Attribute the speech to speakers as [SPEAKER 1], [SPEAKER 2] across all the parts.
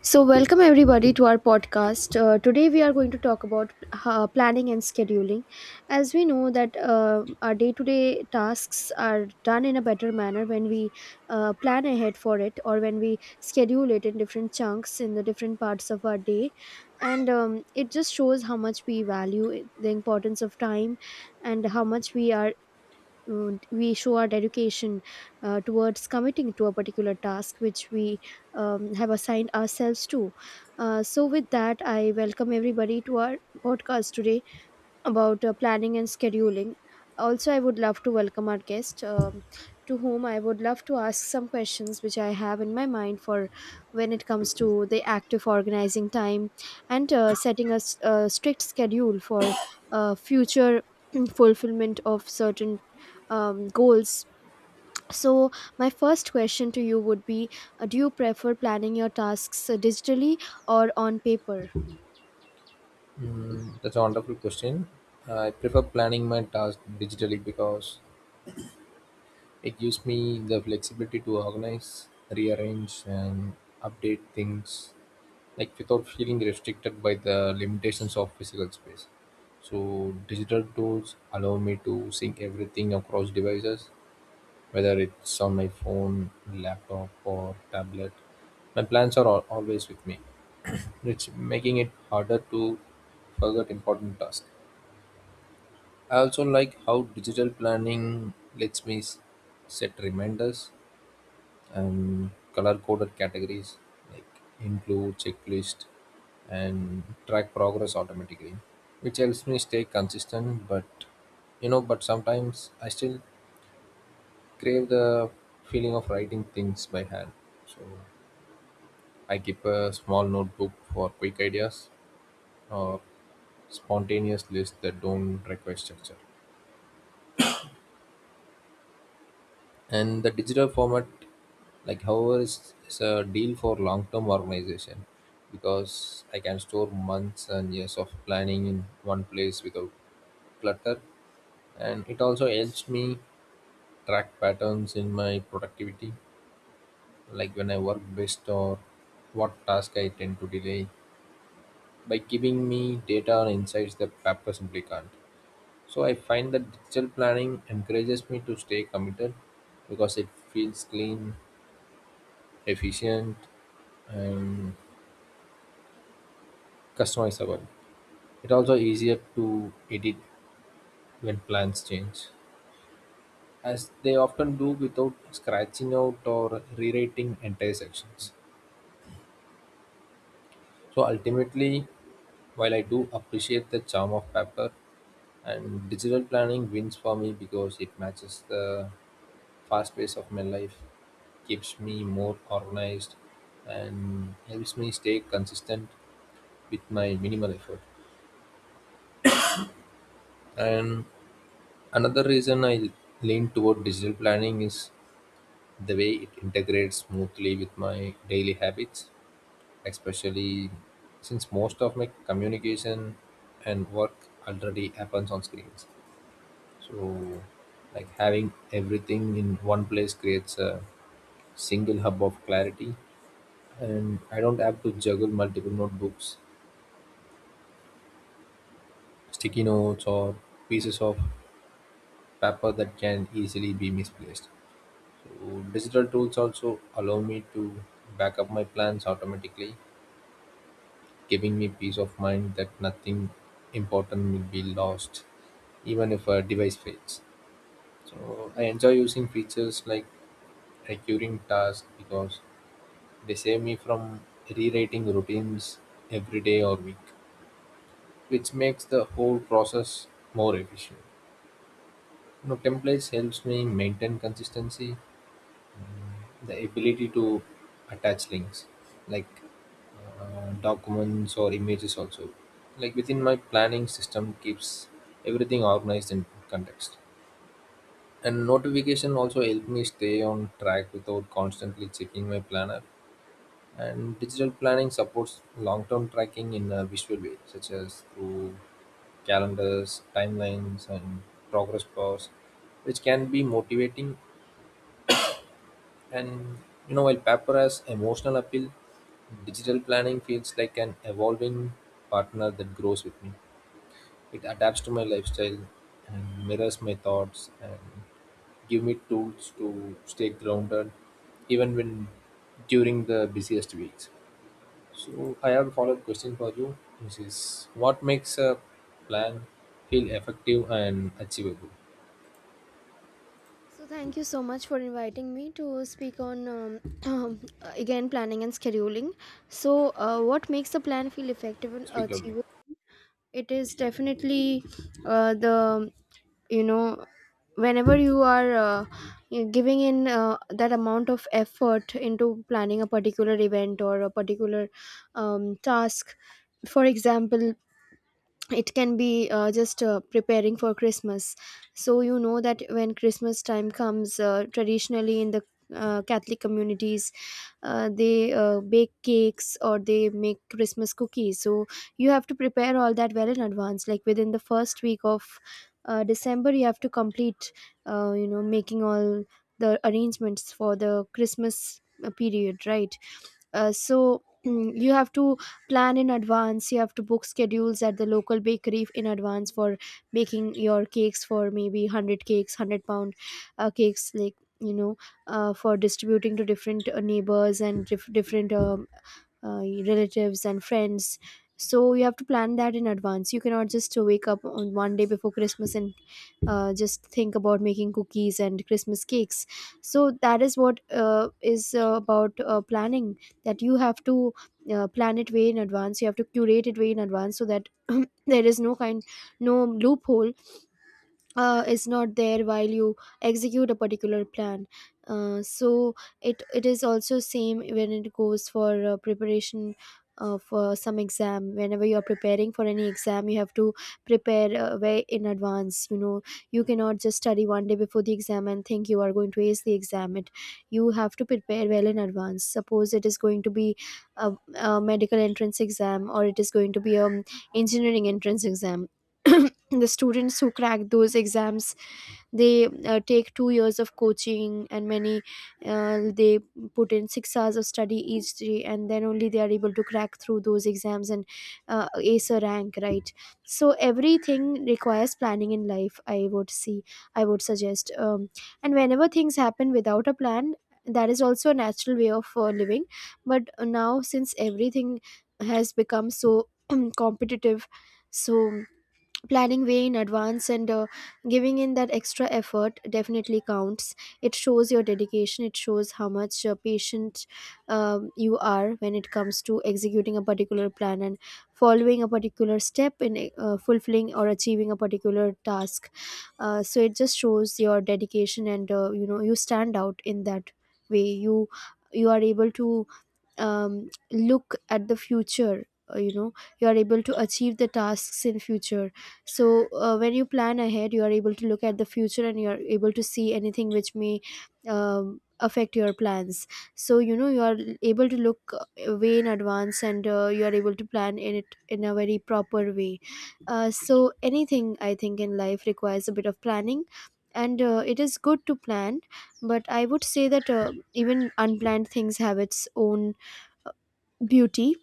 [SPEAKER 1] So, welcome everybody to our podcast. Today, we are going to talk about planning and scheduling. As we know that our day-to-day tasks are done in a better manner when we plan ahead for it, or when we schedule it in different chunks in the different parts of our day, and it just shows how much we the importance of time, and how much we show our dedication towards committing to a particular task which we have assigned ourselves to. So, with that, I welcome everybody to our podcast today about planning and scheduling. Also, I would love to welcome our guest, to whom I would love to ask some questions which I have in my mind for when it comes to the act of organizing time and setting a strict schedule for future fulfillment of certain goals. So, my first question to you would be do you prefer planning your tasks digitally or on paper?
[SPEAKER 2] Mm, that's a wonderful question. I prefer planning my task digitally because it gives me the flexibility to organize, rearrange, and update things like without feeling restricted by the limitations of physical space. So, digital tools allow me to sync everything across devices, whether it's on my phone, laptop, or tablet. My plans are always with me, which making it harder to forget important tasks. I also like how digital planning lets me set reminders and color coded categories like include, checklist, and track progress automatically, which helps me stay consistent. But sometimes I still crave the feeling of writing things by hand. So I keep a small notebook for quick ideas or spontaneous lists that don't require structure. And the digital format, like, however is a deal for long-term organization, because I can store months and years of planning in one place without clutter. And it also helps me track patterns in my productivity, like when I work best or what task I tend to delay, by giving me data and insights that paper simply can't. So I find that digital planning encourages me to stay committed because it feels clean, efficient, and customizable. It also easier to edit when plans change, as they often do, without scratching out or rewriting entire sections. So ultimately, while I do appreciate the charm of paper, and digital planning wins for me because it matches the fast pace of my life, keeps me more organized, and helps me stay consistent with my minimal effort. And another reason I lean toward digital planning is the way it integrates smoothly with my daily habits, especially since most of my communication and work already happens on screens. So, like, having everything in one place creates a single hub of clarity, and I don't have to juggle multiple notebooks, sticky notes, or pieces of paper that can easily be misplaced. So, digital tools also allow me to back up my plans automatically, giving me peace of mind that nothing important will be lost, even if a device fails. So I enjoy using features like recurring tasks because they save me from rewriting routines every day or week, which makes the whole process more efficient. You know, templates helps me maintain consistency. The ability to attach links, like documents or images also, like within my planning system, keeps everything organized in context. And notification also help me stay on track without constantly checking my planner. And digital planning supports long-term tracking in a visual way, such as through calendars, timelines, and progress bars, which can be motivating. And, you know, while paper has emotional appeal, digital planning feels like an evolving partner that grows with me. It adapts to my lifestyle and mirrors my thoughts and give me tools to stay grounded even when during the busiest weeks. So I have a follow-up question for you, which is, what makes a plan feel effective and achievable?
[SPEAKER 1] So thank you so much for inviting me to speak on um, again planning and scheduling. So what makes a plan feel effective and
[SPEAKER 2] Speak loudly.
[SPEAKER 1] achievable? It is definitely the you know whenever you are you giving in that amount of effort into planning a particular event or a particular task. For example, it can be just preparing for Christmas. So you know that when Christmas time comes, traditionally in the Catholic communities they bake cakes or they make Christmas cookies. So you have to prepare all that well in advance, like within the first week of December. You have to complete you know making all the arrangements for the Christmas period, right? So you have to plan in advance. You have to book schedules at the local bakery in advance for making your cakes, for maybe 100 cakes, 100-pound cakes, like you know, for distributing to different neighbors and different uh, relatives and friends. So you have to plan that in advance. You cannot just wake up on one day before Christmas and just think about making cookies and Christmas cakes. So that is what is about planning, that you have to plan it way in advance. You have to curate it way in advance, so that there is no loophole is not there while you execute a particular plan. So it is also same when it goes for preparation for some exam. Whenever you are preparing for any exam, you have to prepare way in advance. You know, you cannot just study one day before the exam and think you are going to ace the exam. It You have to prepare well in advance. Suppose it is going to be a, a medical entrance exam, or it is going to be a engineering entrance exam. The students who crack those exams, they take 2 years of coaching, and many they put in 6 hours of study each day, and then only they are able to crack through those exams and ace a rank, right? So everything requires planning in life, I would see I would suggest, and whenever things happen without a plan, that is also a natural way of living. But now since everything has become so competitive, so planning way in advance and giving in that extra effort definitely counts. It shows your dedication. It shows how much patient you are when it comes to executing a particular plan and following a particular step in fulfilling or achieving a particular task. So it just shows your dedication, and you know, you stand out in that way. You are able to look at the future. You know, you are able to achieve the tasks in future. So when you plan ahead, you are able to look at the future and you are able to see anything which may affect your plans. So you know, you are able to look way in advance, and you are able to plan in it in a very proper way. So anything, I think, in life requires a bit of planning, and it is good to plan. But I would say that even unplanned things have its own beauty.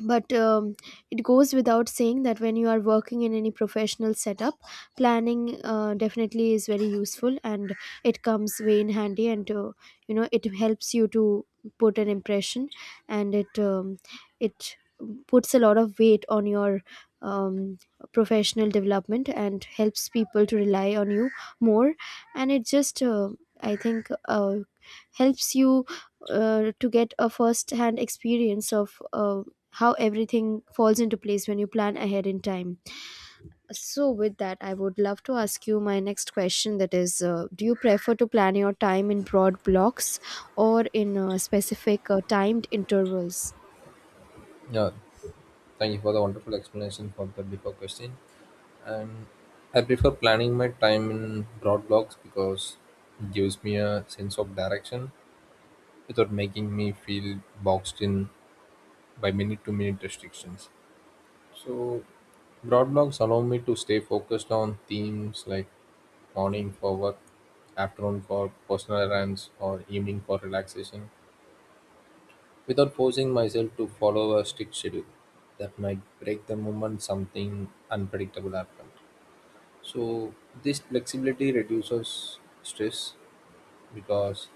[SPEAKER 1] But it goes without saying that when you are working in any professional setup, planning definitely is very useful, and it comes way in handy, and to, you know, it helps you to put an impression, and it puts a lot of weight on your um, professional development, and helps people to rely on you more. And it just I think helps you to get a first hand experience of how everything falls into place when you plan ahead in time. So, with that, I would love to ask you my next question, that is, do you prefer to plan your time in broad blocks or in specific timed intervals?
[SPEAKER 2] Yeah, thank you for the wonderful explanation for the before question. And I prefer planning my time in broad blocks because it gives me a sense of direction without making me feel boxed in by minute to minute restrictions. So, broad blocks allow me to stay focused on themes like morning for work, afternoon for personal errands, or evening for relaxation, without forcing myself to follow a strict schedule that might break the moment something unpredictable happens. So this flexibility reduces stress because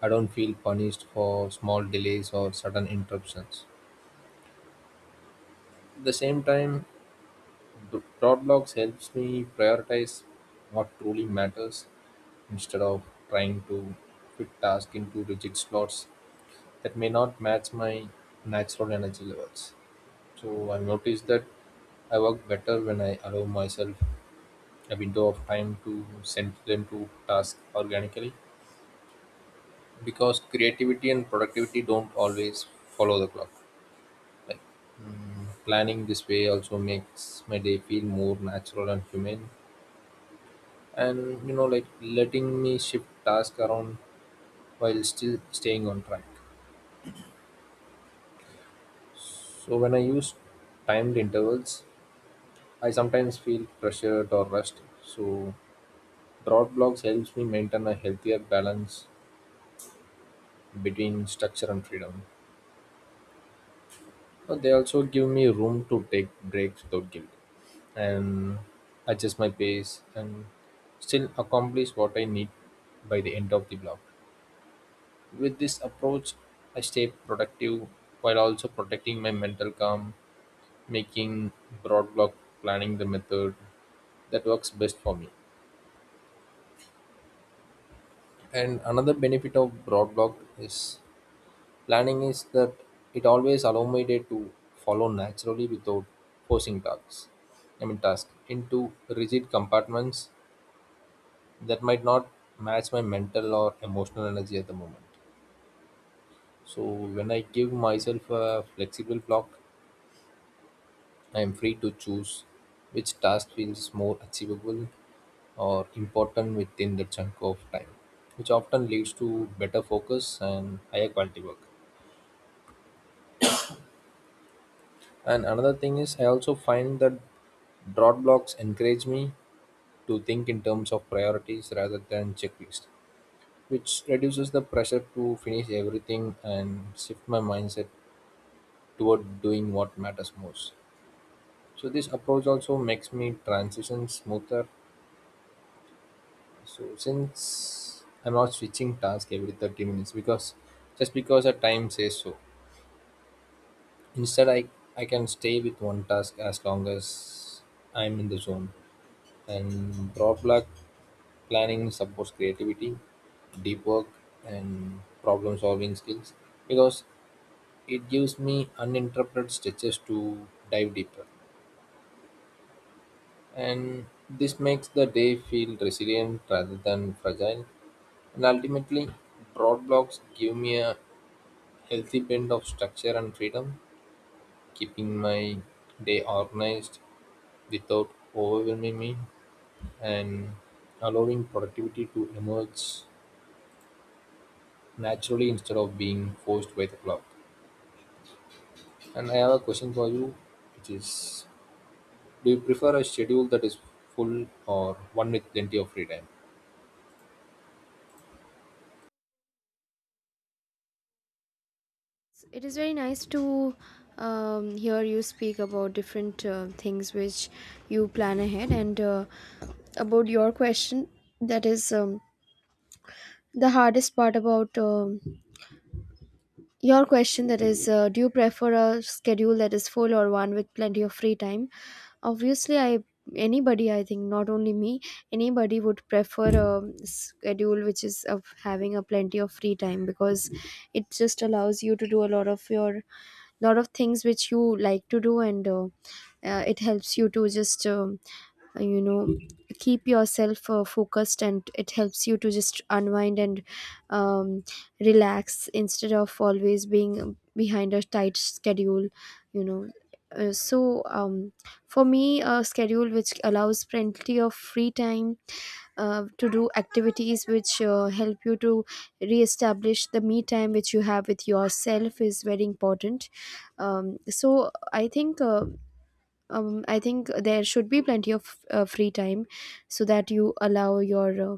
[SPEAKER 2] I don't feel punished for small delays or sudden interruptions. At the same time, the dot blocks helps me prioritize what truly matters, instead of trying to fit tasks into rigid slots that may not match my natural energy levels. So I noticed that I work better when I allow myself a window of time to send them to task organically, because creativity and productivity don't always follow the clock. Like, mm, planning this way also makes my day feel more natural and humane, and, you know, like letting me shift tasks around while still staying on track. So when I use timed intervals, I sometimes feel pressured or rushed. So drought blocks helps me maintain a healthier balance between structure and freedom. But they also give me room to take breaks without guilt, and adjust my pace and still accomplish what I need by the end of the block. With this approach, I stay productive while also protecting my mental calm, making broad block planning the method that works best for me. And another benefit of broad block is planning is that it always allow my day to follow naturally without forcing tasks. I mean task into rigid compartments that might not match my mental or emotional energy at the moment. So when I give myself a flexible block, I am free to choose which task feels more achievable or important within the chunk of time, which often leads to better focus and higher quality work. And another thing is, I also find that dot blocks encourage me to think in terms of priorities rather than checklist, which reduces the pressure to finish everything and shift my mindset toward doing what matters most. So this approach also makes me transition smoother. So since I'm not switching task every 30 minutes because just because a time says so. Instead, I can stay with one task as long as I'm in the zone. And product planning supports creativity, deep work, and problem solving skills, because it gives me uninterrupted stretches to dive deeper. And this makes the day feel resilient rather than fragile. And ultimately, broad blocks give me a healthy blend of structure and freedom, keeping my day organized without overwhelming me and allowing productivity to emerge naturally instead of being forced by the clock. And I have a question for you, which is, do you prefer a schedule that is full or one with plenty of free time?
[SPEAKER 1] It is very nice to hear you speak about different things which you plan ahead, and about your question, that is, the hardest part about your question, that is, do you prefer a schedule that is full or one with plenty of free time. Obviously, I anybody I think, not only me, anybody would prefer a schedule which is of having a plenty of free time, because it just allows you to do a lot of things which you like to do, and it helps you to just you know, keep yourself focused, and it helps you to just unwind and um, relax instead of always being behind a tight schedule, you know. So um, for me, a schedule which allows plenty of free time to do activities which help you to re-establish the me time which you have with yourself is very important. Um, so i think uh, um, I think there should be plenty of free time, so that you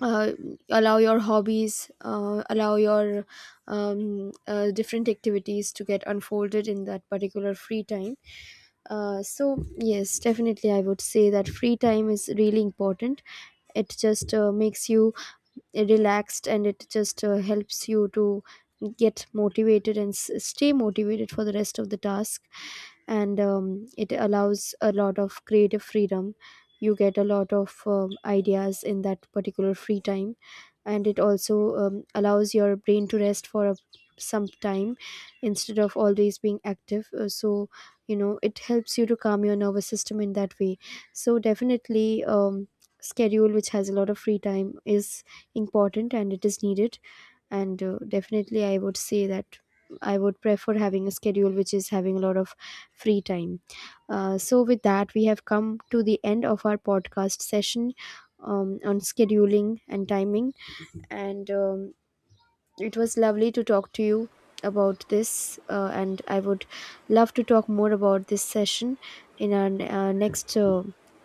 [SPEAKER 1] uh, allow your hobbies, allow your different activities to get unfolded in that particular free time. So yes, definitely, I would say that free time is really important. It just makes you relaxed, and it just helps you to get motivated and stay motivated for the rest of the task, and it allows a lot of creative freedom. You get a lot of ideas in that particular free time, and it also allows your brain to rest for some time instead of always being active. So you know, it helps you to calm your nervous system in that way. So definitely, schedule which has a lot of free time is important, and it is needed, and definitely I would say that I would prefer having a schedule which is having a lot of free time. So with that, we have come to the end of our podcast session on scheduling and timing, and it was lovely to talk to you about this, and I would love to talk more about this session in our next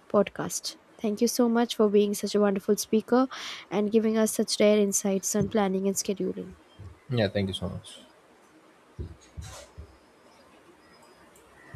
[SPEAKER 1] podcast. Thank you so much for being such a wonderful speaker and giving us such rare insights on planning and scheduling.
[SPEAKER 2] Yeah, thank you so much.